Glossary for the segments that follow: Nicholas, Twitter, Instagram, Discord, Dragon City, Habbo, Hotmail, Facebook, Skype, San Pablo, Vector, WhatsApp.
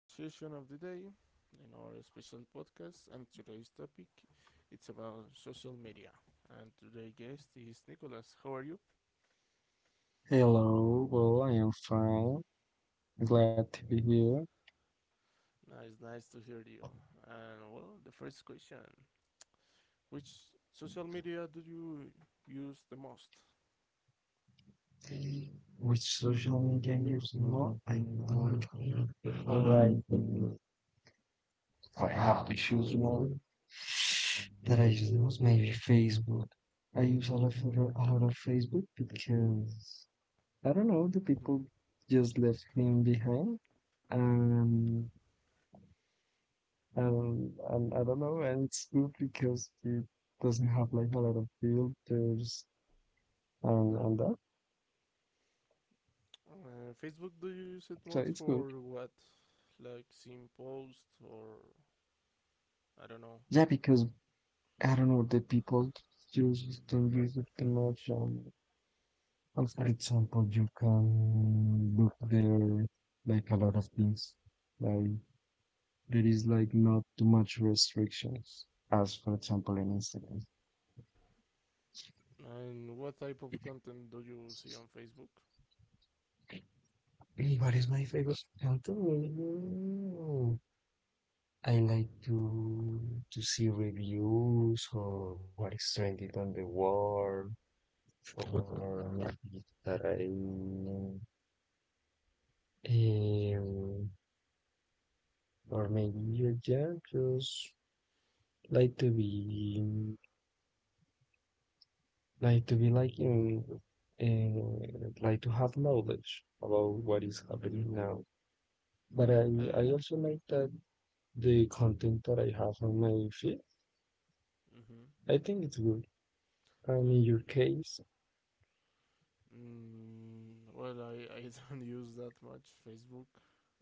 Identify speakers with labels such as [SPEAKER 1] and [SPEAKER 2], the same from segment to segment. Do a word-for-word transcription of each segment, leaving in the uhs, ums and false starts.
[SPEAKER 1] session of the day in our special podcast. And today's topic it's about social media. And today's guest is Nicholas. How are you?
[SPEAKER 2] Hello, well, I am fine. Glad to be here.
[SPEAKER 1] Nice, nice to hear you. And well, the first question: Which social media do you use the most?
[SPEAKER 2] Which social media use more? I don't Alright, I have to choose one that I use maybe Facebook. I use a lot of a lot of Facebook because I don't know, the
[SPEAKER 1] Mm-hmm.
[SPEAKER 2] people just left him behind, and um, and I don't know, and it's good because it doesn't have like a lot of filters and and that.
[SPEAKER 1] Uh, Facebook? Do you use
[SPEAKER 2] So
[SPEAKER 1] it
[SPEAKER 2] it's
[SPEAKER 1] most
[SPEAKER 2] good.
[SPEAKER 1] for what, like seeing posts or I don't know?
[SPEAKER 2] Yeah, because I don't know the people just don't use it too much. Um, and for example, you can look there like a lot of things. Like there is like not too much restrictions, as for example in Instagram.
[SPEAKER 1] And what type of content do you see on Facebook?
[SPEAKER 2] Hey, what is my favorite content? Mm, I like to to see reviews or what is trending on the world or maybe that I Um, or maybe you yeah, just like to be like to be like in, in like to have knowledge about what is
[SPEAKER 1] Mm-hmm.
[SPEAKER 2] happening now. But I
[SPEAKER 1] Like,
[SPEAKER 2] I also like that the
[SPEAKER 1] mm-hmm.
[SPEAKER 2] content that I have on my feed,
[SPEAKER 1] Mm-hmm.
[SPEAKER 2] I think it's good.
[SPEAKER 1] so,
[SPEAKER 2] And in your case,
[SPEAKER 1] mm, well, I, I don't use that much Facebook.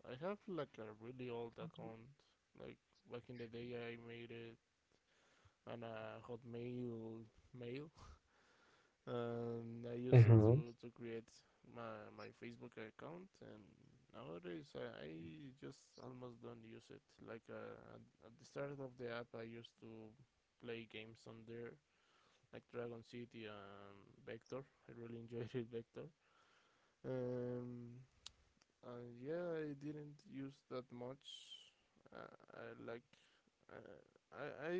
[SPEAKER 1] I have like a really old account. Like back in the day, I made it on a Hotmail mail, and I use it
[SPEAKER 2] uh-huh.
[SPEAKER 1] to to create my my Facebook account. And nowadays, I, I just almost don't use it. Like uh, at, at the start of the app, I used to play games on there like Dragon City and Vector. I really enjoyed it, Vector. Um, and yeah, I didn't use that much. Uh, I like uh, I I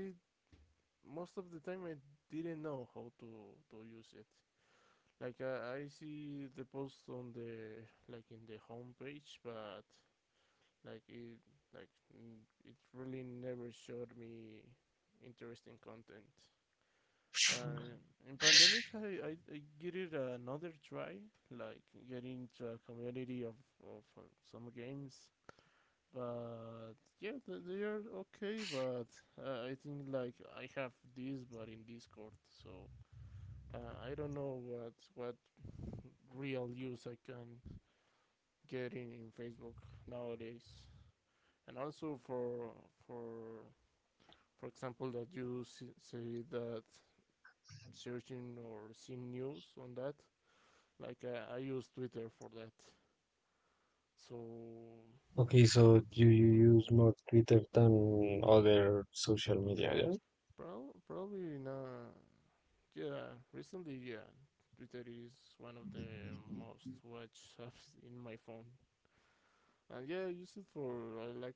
[SPEAKER 1] most of the time I didn't know how to to use it. Like I, I see the post on the like in the homepage, but like it like mm, it really never showed me interesting content. Uh, in pandemic, I, I, I give it another try, like getting into a community of, of uh, some games. But yeah, th- they are okay. But uh, I think like I have this, but in Discord, so uh, I don't know what what real use I can get in, in Facebook nowadays. And also for for for example that you s- say that searching or seeing news on that. Like uh, I use Twitter for that. So
[SPEAKER 2] Okay, so you, you use more Twitter than other social media, yeah?
[SPEAKER 1] prob- probably not. Yeah, recently, yeah, Twitter is one of the most watched apps in my phone, and yeah, I use it for uh, like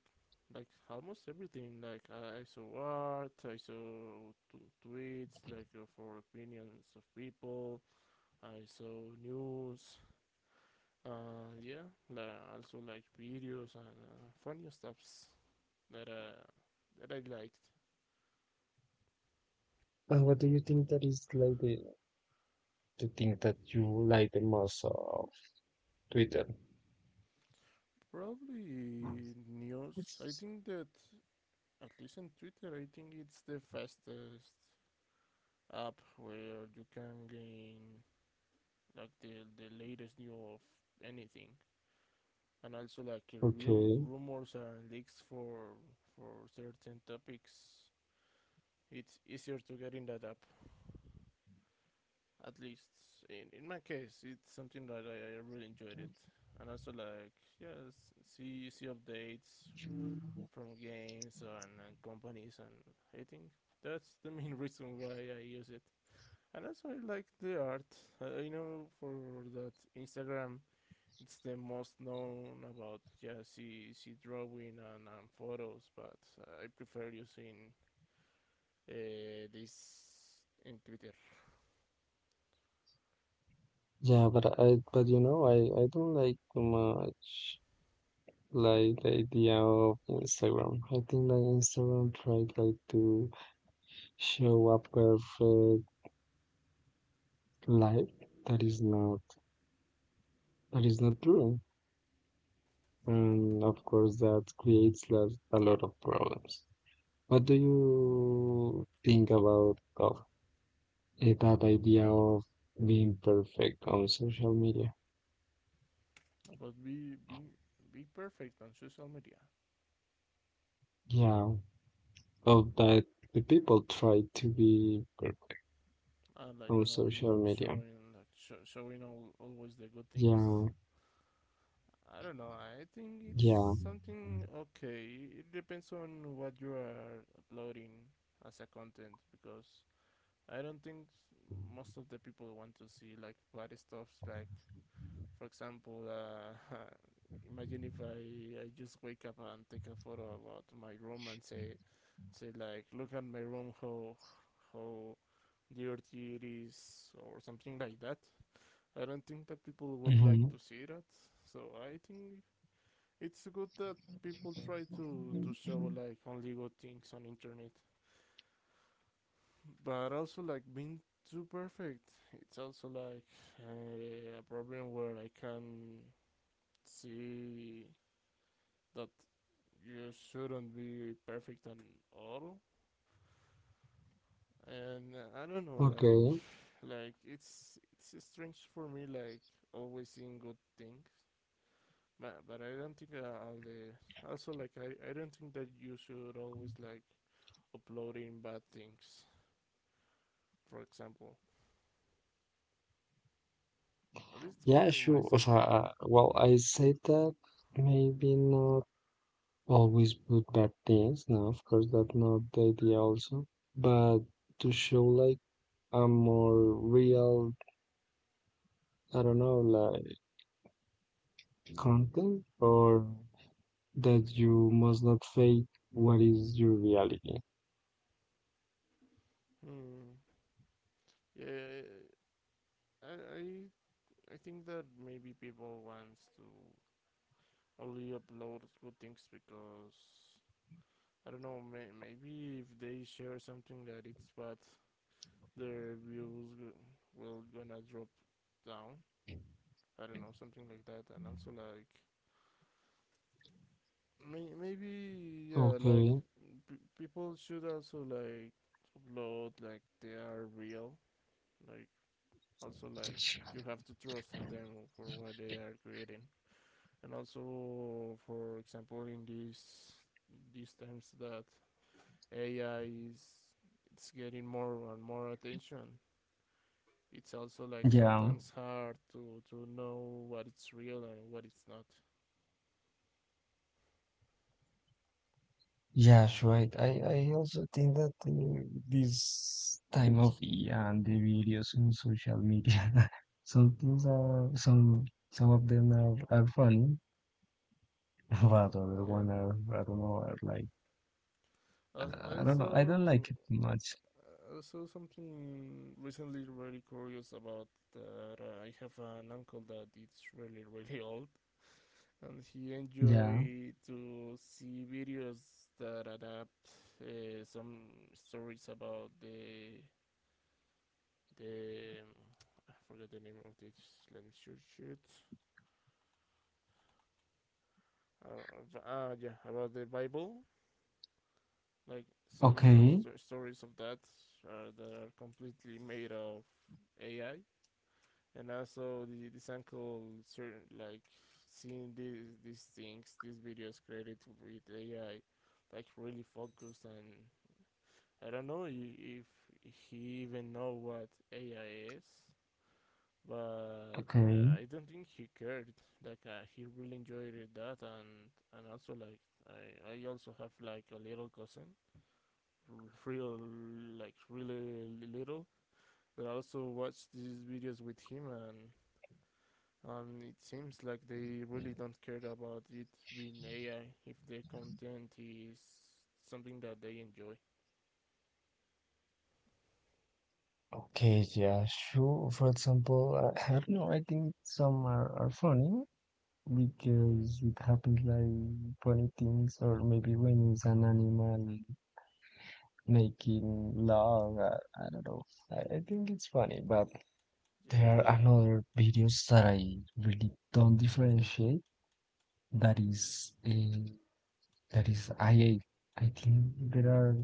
[SPEAKER 1] like almost everything. Like I, I saw art, I saw t- tweets, like uh, for opinions of people. I saw news. Uh, yeah, like, also like videos and uh, funny stuffs that uh, that I liked.
[SPEAKER 2] And what do you think that is like the, the thing that you like the most of Twitter?
[SPEAKER 1] Probably news. I think that at least in Twitter, I think it's the fastest app where you can gain like the the latest news of anything, and also like rum-
[SPEAKER 2] Okay.
[SPEAKER 1] rumors and leaks for for certain topics. It's easier to get in that app. At least in in my case, it's something that I, I really enjoyed it, and also like yes, see see updates from games and, and companies and everything. That's the main reason why I use it. And also I like the art. I know for that Instagram, it's the most known about yeah, she she drawing and, and photos, but uh, I prefer using uh, this in Twitter.
[SPEAKER 2] Yeah, but I but you know I I don't like too much like the idea of Instagram. I think that Instagram tried like to show a perfect life that is not that is not true, and of course that creates lot- a lot of problems. What do you think about of eh, that idea of being perfect on social media?
[SPEAKER 1] But be be be perfect on social media.
[SPEAKER 2] Yeah, of that the people try to be perfect
[SPEAKER 1] I like
[SPEAKER 2] on
[SPEAKER 1] no
[SPEAKER 2] social
[SPEAKER 1] not
[SPEAKER 2] media.
[SPEAKER 1] showing like sho showing all, always the good things.
[SPEAKER 2] Yeah,
[SPEAKER 1] I don't know. I think it's
[SPEAKER 2] yeah.
[SPEAKER 1] something okay. It depends on what you are uploading as a content because I don't think most of the people want to see like bad stuffs. Like, for example, uh, imagine if I, I just wake up and take a photo about my room and say say like, look at my room, how how dirty it is, or something like that. I don't think that people would like
[SPEAKER 2] Hmm.
[SPEAKER 1] to see that. So I think it's good that people try to to show like only good things on internet, but also like being too perfect. It's also like uh, a problem where I can see that you shouldn't be perfect at all, and uh, I don't know like
[SPEAKER 2] Okay.
[SPEAKER 1] like it's it's strange for me like always seeing good things but, but I don't think uh, all the also like I, I don't think that you should always like uploading bad things. For example, at least
[SPEAKER 2] Yeah,
[SPEAKER 1] for
[SPEAKER 2] sure. O
[SPEAKER 1] myself.
[SPEAKER 2] sea, uh, well, I said that maybe not always good bad things. No, of course, that's not the idea also. But to show like a more real, I don't know, like content or that you must not fake what is your reality.
[SPEAKER 1] Hmm. Yeah, I I I think that maybe people wants to only upload good things because I don't know. May, maybe if they share something that it's bad, their views g- will gonna drop down. I don't know, something like that. And also like may, maybe yeah, like
[SPEAKER 2] Okay.
[SPEAKER 1] p- people should also like upload like they are real. Like also like you have to trust on them for what they are creating. And also for example in these these times that A I is it's getting more and more attention. It's also like
[SPEAKER 2] Yeah.
[SPEAKER 1] sometimes hard to to know what it's real and what it's not.
[SPEAKER 2] Yes, right. I, I also think that uh, this time of year and the videos in social media, some things are some some of them are, are funny, but other
[SPEAKER 1] Yeah.
[SPEAKER 2] one are I don't know are like I I
[SPEAKER 1] I
[SPEAKER 2] don't know. I don't like
[SPEAKER 1] saw
[SPEAKER 2] it much.
[SPEAKER 1] I saw something recently really curious about that uh, I have an uncle that it's really really old and he
[SPEAKER 2] Yeah.
[SPEAKER 1] enjoyed to see videos that adapt uh, some stories about the the um, I forgot the name of this. Let me search it. Uh, uh, ah, yeah, about the Bible. Like some
[SPEAKER 2] Okay.
[SPEAKER 1] sto- stories of that are, that are completely made of A I, and also the this uncle certain like seeing these these things, these videos created with A I, like really focused and I don't know if he even know what A I is, but
[SPEAKER 2] Okay.
[SPEAKER 1] uh, I don't think he cared. Like uh, he really enjoyed that, and and also like I I also have like a little cousin, real like really little, that also watched these videos with him and. And it seems like they really don't care about it being A I if the content is something that they enjoy.
[SPEAKER 2] Okay. Yeah. Sure. For example, I, I don't know. I think some are, are funny
[SPEAKER 1] Mm-hmm.
[SPEAKER 2] because it happens like funny things, or maybe when it's an animal making long. Uh, I don't know. I, I think it's funny, but
[SPEAKER 1] Yeah,
[SPEAKER 2] there
[SPEAKER 1] that.
[SPEAKER 2] are another videos that I really don't differentiate. That is a that is I. I think there are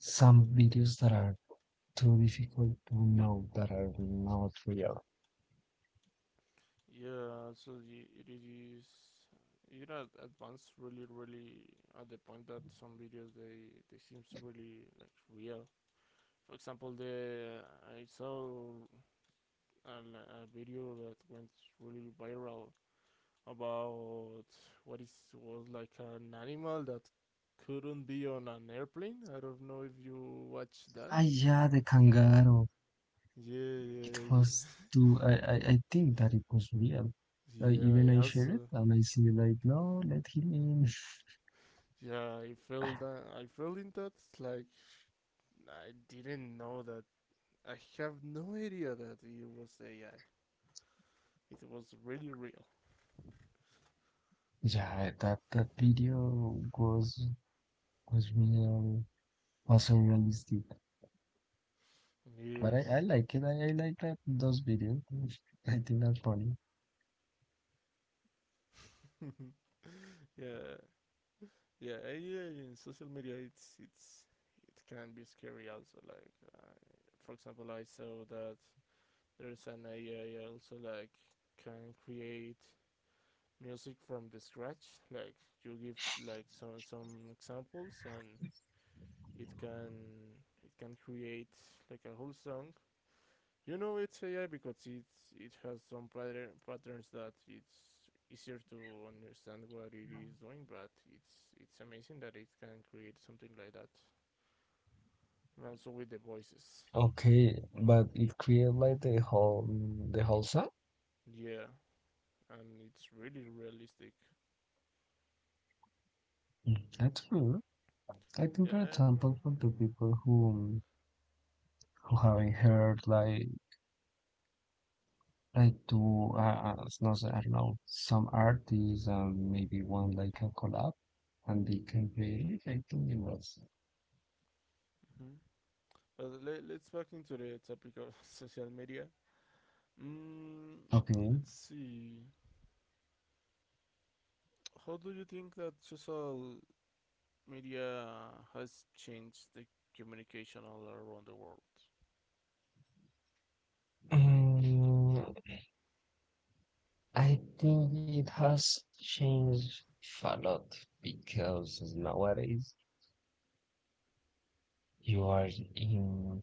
[SPEAKER 2] some videos that are too difficult to know that are not real.
[SPEAKER 1] Yeah, so y- it is. You know, advanced really, really at the point that some videos they they seems really like real. For example, the I saw a, li- a video that went really viral about what is was like an animal that couldn't be on an airplane. I don't know if you watched that.
[SPEAKER 2] Ah, yeah, the kangaroo.
[SPEAKER 1] Yeah, yeah,
[SPEAKER 2] It was
[SPEAKER 1] yeah,
[SPEAKER 2] too. I I, I think
[SPEAKER 1] yeah.
[SPEAKER 2] that it was real. Uh, even
[SPEAKER 1] Yeah, I
[SPEAKER 2] I shared it,
[SPEAKER 1] also
[SPEAKER 2] and I see like, no, let him in.
[SPEAKER 1] yeah, I felt that I felt in that like I didn't know that. I have no idea that it was A I. It was really real.
[SPEAKER 2] Yeah, that that video was was real also realistic. But I, I
[SPEAKER 1] Yes.
[SPEAKER 2] like it. I, I like that those videos. I think that's funny.
[SPEAKER 1] Yeah, yeah. A I in social media, it's it's it can be scary also. Like, I, for example, I saw that there's an A I also like can create music from the scratch. Like, you give like some some examples and it can it can create like a whole song. You know it's A I because it's it has some pattern, patterns that it's easier to understand what it is doing, but it's it's amazing that it can create something like that. And also with the voices,
[SPEAKER 2] Okay, but it created like the whole the whole song.
[SPEAKER 1] yeah, and it's really realistic.
[SPEAKER 2] Mm, That's true. I think,
[SPEAKER 1] Yeah,
[SPEAKER 2] for
[SPEAKER 1] I have.
[SPEAKER 2] example, for the people who who
[SPEAKER 1] Uh,
[SPEAKER 2] haven't
[SPEAKER 1] mhm,
[SPEAKER 2] heard like like to uh, uh, s- no, s- I don't know some artists and maybe one like a collab and they can create it. I think it was
[SPEAKER 1] mhm. But let, let's back into the topic of social media. Mm,
[SPEAKER 2] okay.
[SPEAKER 1] let's see. How do you think that social media has changed the communication all around the world?
[SPEAKER 2] Mm, I think it has changed a lot because nowadays you are in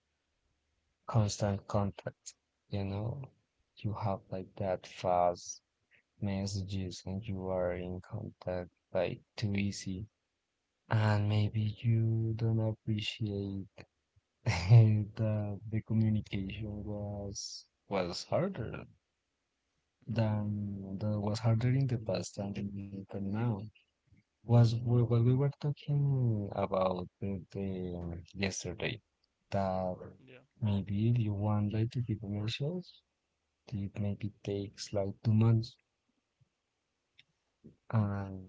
[SPEAKER 2] constant contact, you know, you have like that fast messages and you are in contact like too easy. And maybe you don't appreciate that the communication was was harder
[SPEAKER 1] Mm-hmm.
[SPEAKER 2] than that was harder in the past than than now. Was we- what we were talking about the, the yesterday that
[SPEAKER 1] Yeah.
[SPEAKER 2] maybe if you want like to be commercials, it maybe takes like two months and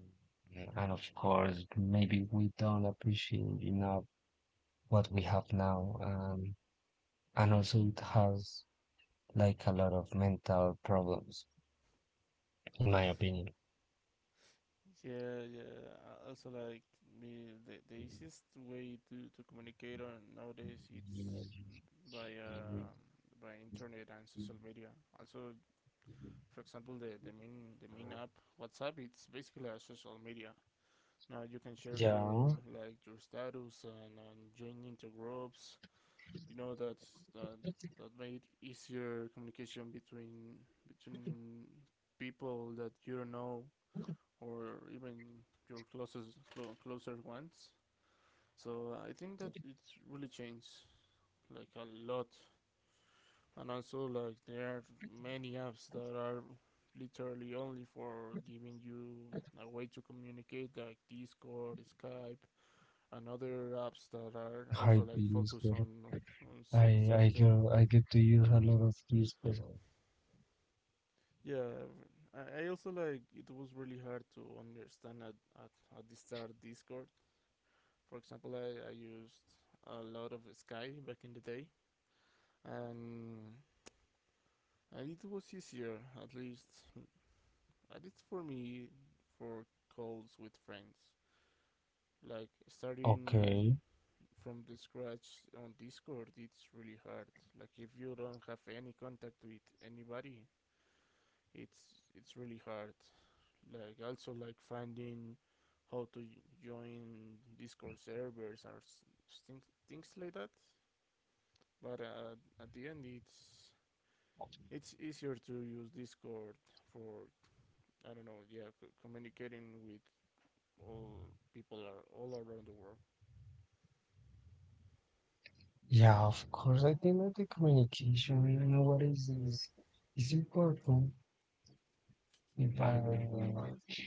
[SPEAKER 2] and of course maybe we don't appreciate enough what we have now and and also it has like a lot of mental problems in my opinion.
[SPEAKER 1] Yeah, yeah. I also, like the, the the easiest way to to communicate on nowadays it's by um by internet and social media. Also, for example, the the main the main app WhatsApp it's basically a social media. Now you can share your
[SPEAKER 2] Yeah,
[SPEAKER 1] like your status and, and join into groups. You know that's that that made easier communication between between people that you don't know or even your closest clo- closer ones. So I think that it's really changed like a lot, and also like there are many apps that are literally only for giving you a way to communicate like Discord, Skype, and other apps that are also
[SPEAKER 2] hard to
[SPEAKER 1] like
[SPEAKER 2] use
[SPEAKER 1] focused on on cer-
[SPEAKER 2] I I get
[SPEAKER 1] certain.
[SPEAKER 2] I get to use a lot of these, but
[SPEAKER 1] Yeah, I also like it was really hard to understand at, at, at the start Discord. For example, I, I used a lot of Sky back in the day, and and it was easier, at least at least for me, for calls with friends. Like starting
[SPEAKER 2] okay.
[SPEAKER 1] from the scratch on Discord, it's really hard. Like if you don't have any contact with anybody, it's it's really hard. Like also like finding how to join Discord servers or things things like that. But uh, at the end, it's it's easier to use Discord for I don't know, yeah, c- communicating with all people are all around the world.
[SPEAKER 2] Yeah, of course, I think that the communication, you know, what is is is important. If I that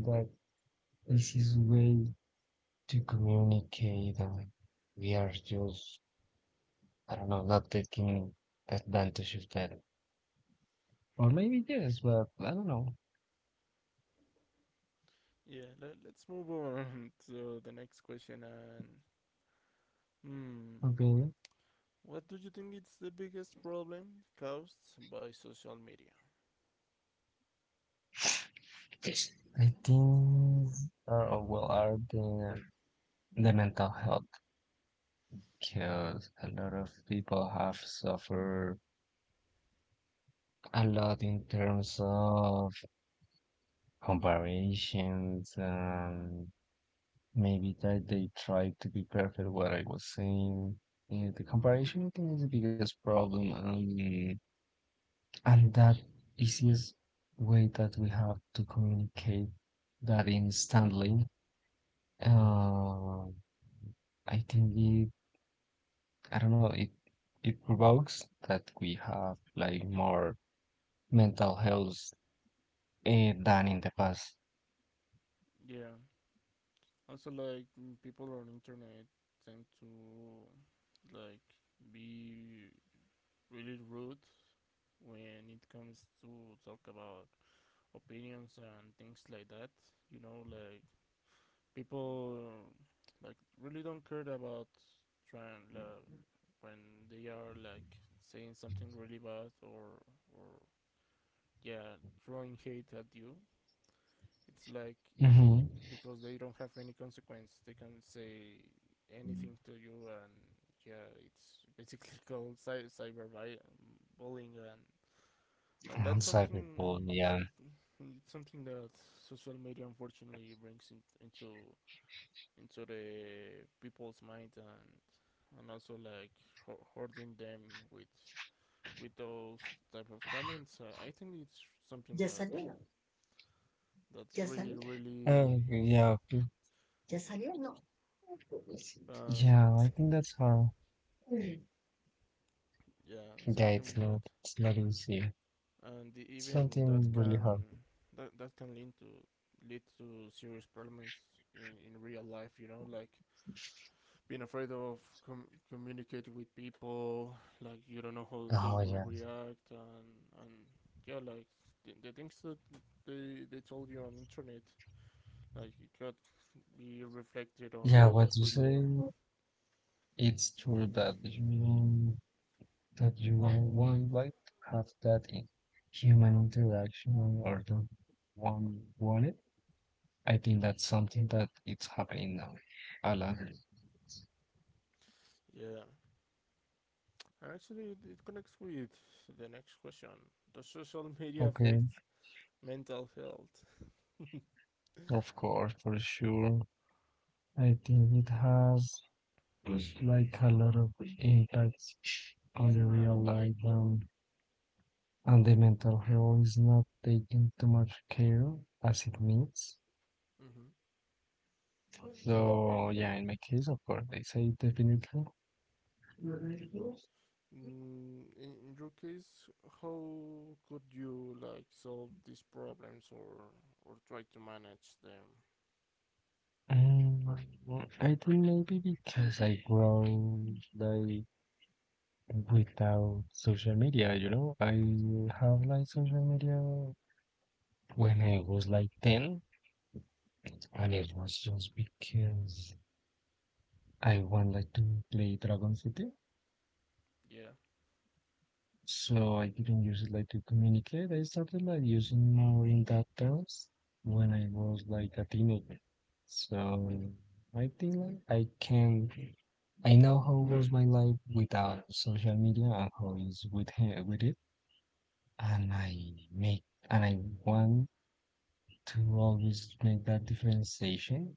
[SPEAKER 2] that this is way to communicate, and we are just I don't know, not taking advantage of that, or
[SPEAKER 1] Hmm.
[SPEAKER 2] maybe yes, but I don't know.
[SPEAKER 1] Yeah. Let, let's move on to the next question and hmm.
[SPEAKER 2] Okay.
[SPEAKER 1] What do you think is the biggest problem caused by social media?
[SPEAKER 2] I think are oh, well are the the mental health because a lot of people have suffered a lot in terms of comparisons and maybe that they try to be perfect what I was saying. Yeah, the comparison I think is the biggest problem and and that easiest way that we have to communicate that instantly. Uh, I think it I don't know, it it provokes that we have like more mental health eh, than in the past.
[SPEAKER 1] Yeah. Also, like mm, people on internet tend to like be really rude when it comes to talk about opinions and things like that. You know, like people like really don't care about trying like, when they are like saying something really bad or or yeah throwing hate at you. It's like
[SPEAKER 2] Hmm.
[SPEAKER 1] because they don't have any consequence. They can say anything to you, and yeah, it's basically called cy- cyber bullying and and
[SPEAKER 2] And
[SPEAKER 1] that's something um,
[SPEAKER 2] cyberbullying,
[SPEAKER 1] it's,
[SPEAKER 2] yeah.
[SPEAKER 1] it's, something that social media unfortunately brings in, into into the people's mind, and and also like ho- hoarding them with with those type of comments. uh, I think it's something
[SPEAKER 2] ¿Ya
[SPEAKER 1] that
[SPEAKER 2] salió?
[SPEAKER 1] that's
[SPEAKER 2] ¿Ya
[SPEAKER 1] really
[SPEAKER 2] salió? Uh,
[SPEAKER 1] really
[SPEAKER 2] yeah. mm, ¿Ya salió? No. Yeah,
[SPEAKER 1] and
[SPEAKER 2] I think that's hard. Mm.
[SPEAKER 1] yeah
[SPEAKER 2] Yeah, it's
[SPEAKER 1] something that
[SPEAKER 2] not it's not easy.
[SPEAKER 1] and
[SPEAKER 2] It's
[SPEAKER 1] even that
[SPEAKER 2] something really hard.
[SPEAKER 1] can that, that can lead to lead to serious problems in, in real life, you know, like being afraid of com- communicating with people, like you don't know how they
[SPEAKER 2] Oh
[SPEAKER 1] will
[SPEAKER 2] yeah.
[SPEAKER 1] react, and and yeah, like the, the things that they they told you on internet, like it got be reflected on,
[SPEAKER 2] Yeah,
[SPEAKER 1] on
[SPEAKER 2] what you
[SPEAKER 1] who you
[SPEAKER 2] say,
[SPEAKER 1] are.
[SPEAKER 2] it's true that you that you would like to have that in human interaction or don't want, want it. I think that's something that it's happening now. Alan.
[SPEAKER 1] Yeah, and actually it, connects with the next question: does social media
[SPEAKER 2] Okay,
[SPEAKER 1] affect mental health?
[SPEAKER 2] of course, for sure. I think it has like a lot of impacts on the real life um, and the mental health is not taking too much care as it needs.
[SPEAKER 1] Mm-hmm. Like
[SPEAKER 2] So yeah, in my case, of course, I say definitely.
[SPEAKER 1] mm, in, in your case, how could you like solve these problems or or try to manage them?
[SPEAKER 2] Um, I think maybe because I grow like without social media, you know, I have like social media when I was like ten, and it
[SPEAKER 1] Hmm.
[SPEAKER 2] was just because I wanted like to play Dragon City,
[SPEAKER 1] Yeah.
[SPEAKER 2] so I didn't use it like to communicate. I started like using more in that terms when I was like a teenager. So I think like I can. I know how was my life without social media and how is with he- with it, and I make and I want to always make that differentiation.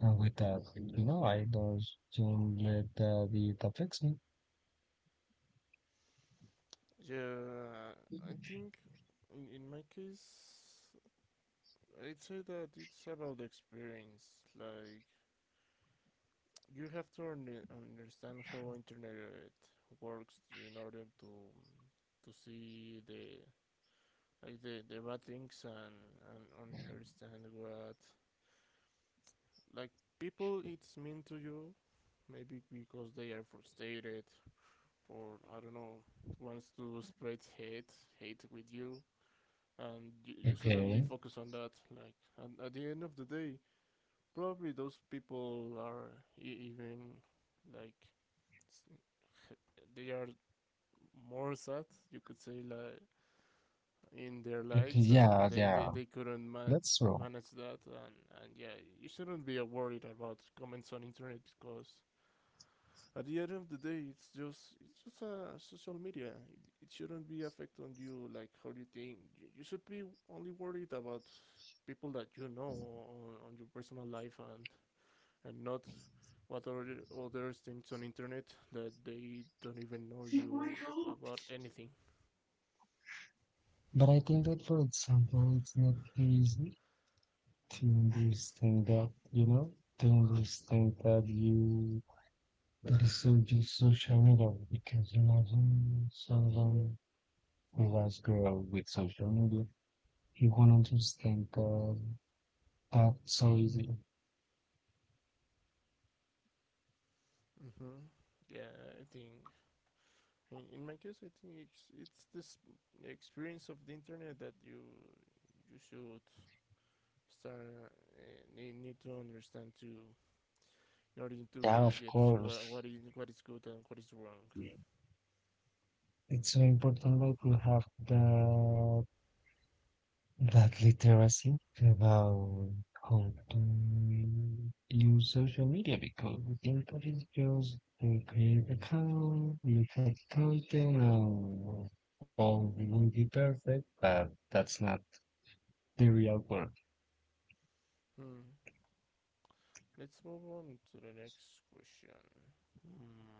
[SPEAKER 2] And with that, you know, I don't don't let that it affects me.
[SPEAKER 1] Yeah, I think in, in my case, I'd say that it's about the experience. Like you have to un- understand how internet uh, works in order to to see the like the, the bad things, and, and understand what like people it's mean to you maybe because they are frustrated, or I don't know, wants to spread hate hate with you, and you, you shouldn't be
[SPEAKER 2] Okay.
[SPEAKER 1] focused on that. Like, and at the end of the day, probably those people are e- even like they are more sad, you could say, like in their
[SPEAKER 2] Okay.
[SPEAKER 1] lives,
[SPEAKER 2] Yeah.
[SPEAKER 1] and they they,
[SPEAKER 2] Yeah.
[SPEAKER 1] they couldn't ma-
[SPEAKER 2] That's true.
[SPEAKER 1] manage that, and and yeah, you shouldn't be worried about comments on internet because at the end of the day, it's just it's just a social media. It, it shouldn't be affect on you like how you think. You, you should be only worried about people that you know on, on your personal life, and and not what are other things on internet that they don't even know you about anything.
[SPEAKER 2] But I think that, for example, it's not easy to understand that, you know, to understand that you This will do social media because imagine someone who was grow with social media, he won't understand the, that so easy.
[SPEAKER 1] Mm-hmm. Yeah, I think in, in my case, I think it's it's this experience of the internet that you you should start uh, need, need to understand to in order
[SPEAKER 2] Yeah,
[SPEAKER 1] to
[SPEAKER 2] of
[SPEAKER 1] get wha-
[SPEAKER 2] course.
[SPEAKER 1] what is what is good and what is wrong.
[SPEAKER 2] It's so important that you have the that literacy about how to use social media because I think that is just to create account, look at content, and all will be perfect, but that's not serial work.
[SPEAKER 1] Hmm. Let's move on to the next question. Hmm.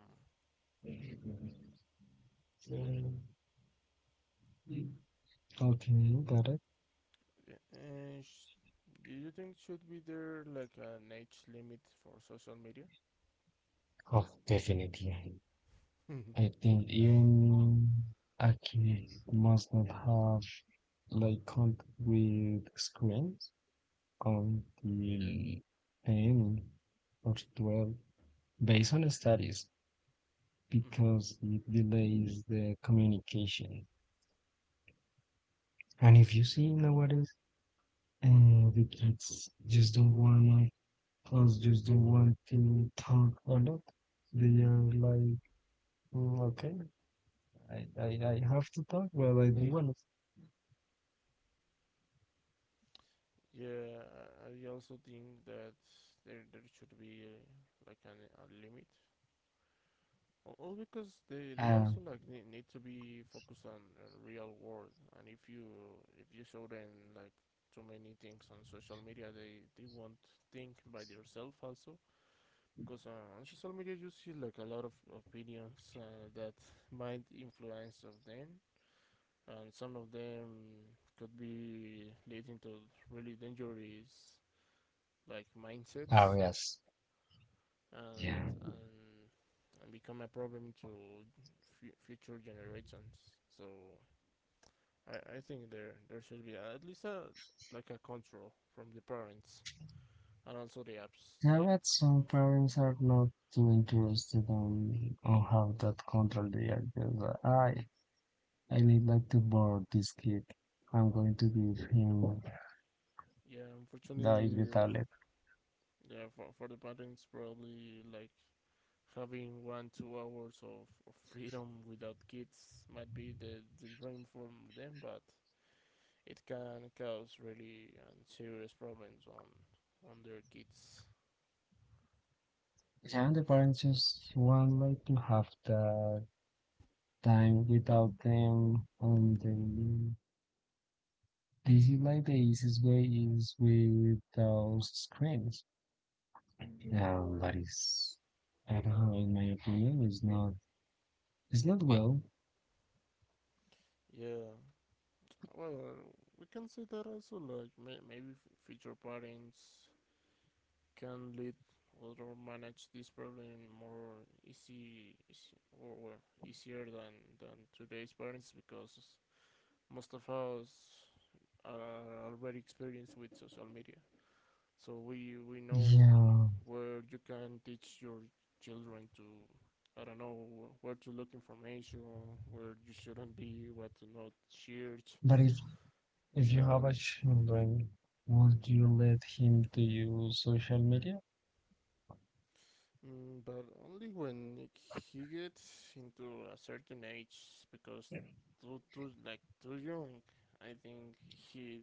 [SPEAKER 2] Okay, got it.
[SPEAKER 1] Yeah, uh, sh- do you think should be there like an age limit for social media?
[SPEAKER 2] Oh, definitely. I think even Aki must not have like contact with screens until ten or twelve based on studies
[SPEAKER 1] Mm-hmm.
[SPEAKER 2] because it delays the communication. And if you see nowadays, and the kids just don't wanna Fans just don't want to talk a lot. They are like, "Mm, okay, I, I, I have to talk, but I don't want
[SPEAKER 1] Yeah, I I also think that there there should be uh, like an, a limit Al- all because they,
[SPEAKER 2] to.
[SPEAKER 1] they
[SPEAKER 2] Uh,
[SPEAKER 1] also like ne- need to be focused on, on real world, and if you if you show them like too many things on social media, they they won't think by themselves also. Because uh, on social media you see like a lot of opinions uh, that might influence of them, and some of them could be leading to really dangerous like
[SPEAKER 2] oh,
[SPEAKER 1] mindsets,
[SPEAKER 2] yes. Yeah.
[SPEAKER 1] and and and become a problem to f- future generations. So I, I think there there should be at least a like a control from the parents and also the apps.
[SPEAKER 2] I
[SPEAKER 1] Like
[SPEAKER 2] read some parents are not too interested on, on how that control they are. Just, uh, I, I need like to borrow this kid. I'm going to give him
[SPEAKER 1] yeah,
[SPEAKER 2] the,
[SPEAKER 1] unfortunately,
[SPEAKER 2] the tablet.
[SPEAKER 1] yeah, for for the parents probably like having one two hours of, of freedom without kids might be the the dream for them, but it can cause really um, serious problems on on their kids.
[SPEAKER 2] Yeah, and the parents just want like to have the time without them on the easy. Like the easiest way is without screens. Yeah, that is, I don't know, in my opinion, is not, it's not well.
[SPEAKER 1] Yeah, well, we can see that also. Like may- maybe future parents can lead or manage this problem more easy, easy or well, easier than than today's parents, because most of us are already experienced with social media. So we we know
[SPEAKER 2] Yeah,
[SPEAKER 1] where you can teach your children to I don't know where to look information, where you shouldn't be, what to not share
[SPEAKER 2] but if if you have a
[SPEAKER 1] and
[SPEAKER 2] children, would you let him to use social media?
[SPEAKER 1] mm, but only when he gets into a certain age, because too, too like too young, I think he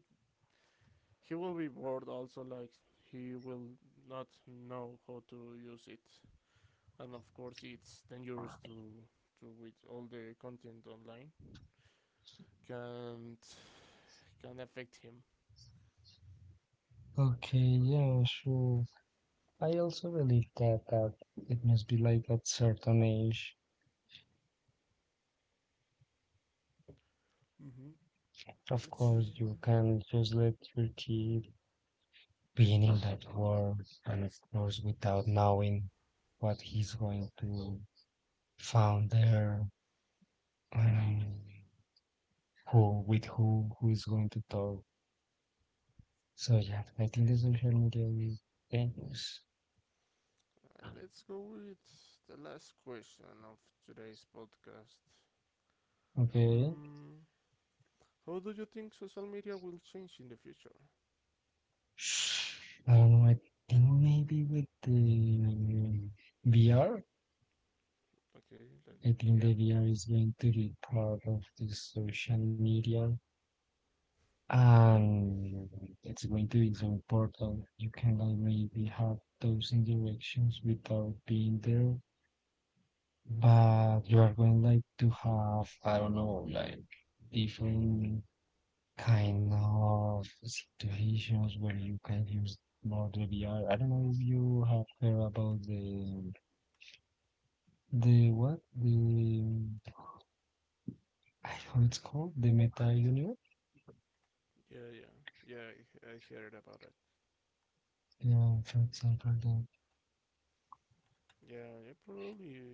[SPEAKER 1] he will be bored. Also, like he will not know how to use it, and of course, it's dangerous to to with all the content online can can affect him.
[SPEAKER 2] Okay, yeah, sure. I also believe that that it must be like at certain age.
[SPEAKER 1] Mm-hmm.
[SPEAKER 2] Of
[SPEAKER 1] Let's see.
[SPEAKER 2] course, you can just let your kid beginning that war and of course without knowing what he's going to found there and who with who who's going to talk, so yeah, I think the social media is dangerous.
[SPEAKER 1] Uh, let's go with the last question of today's podcast.
[SPEAKER 2] Okay.
[SPEAKER 1] Mm, how do you think social media will change in the future?
[SPEAKER 2] I don't know, I think maybe with the VR.
[SPEAKER 1] Okay, like
[SPEAKER 2] I think
[SPEAKER 1] yeah,
[SPEAKER 2] the VR is going to be part of the social media. And it's going to be so important. You cannot maybe have those interactions without being there, but you are going like to have, I don't know, like different kind of situations where you can use more the V R. I don't know if you have heard about the the what the I don't know it's called the meta universe.
[SPEAKER 1] yeah, yeah, yeah. I, I heard about it.
[SPEAKER 2] Yeah, for example, the,
[SPEAKER 1] Yeah, yeah, probably,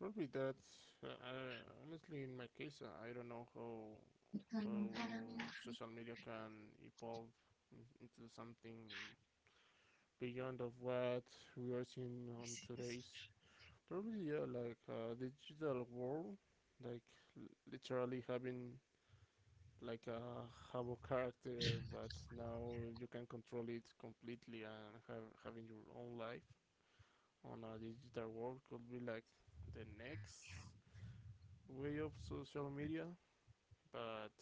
[SPEAKER 1] probably that. Uh, I, honestly, in my case, uh, I don't know how how social media can evolve in, into something beyond of what we are seeing on today's. Probably yeah, like uh, digital world, like l- literally having like a Habo character, but now you can control it completely and have, having your own life on a digital world could be like the next way of social media, but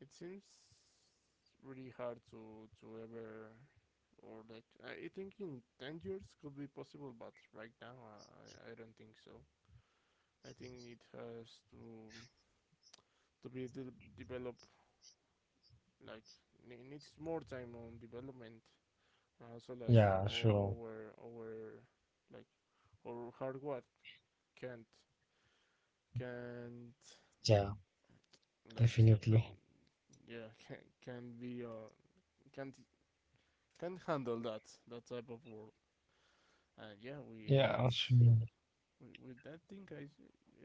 [SPEAKER 1] it seems really hard to to ever or like I think in ten years could be possible, but right now I, I don't think so. I think it has to to be de- developed like it needs more time on development. Uh, so like
[SPEAKER 2] yeah,
[SPEAKER 1] o-
[SPEAKER 2] sure,
[SPEAKER 1] our our like our hardware can't can't
[SPEAKER 2] yeah,
[SPEAKER 1] like
[SPEAKER 2] definitely.
[SPEAKER 1] yeah can can be uh can't can't handle that that type of world. And yeah, we with
[SPEAKER 2] Yeah, sure.
[SPEAKER 1] with, that thing, I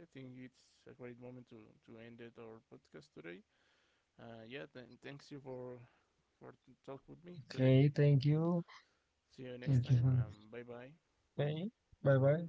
[SPEAKER 1] I think it's a great moment to to end it our podcast today. Uh, yeah, then thanks you for for t- talk with me today.
[SPEAKER 2] Okay, thank you.
[SPEAKER 1] See you next
[SPEAKER 2] Thank you
[SPEAKER 1] time.
[SPEAKER 2] for
[SPEAKER 1] Um, bye bye.
[SPEAKER 2] paying. Bye bye.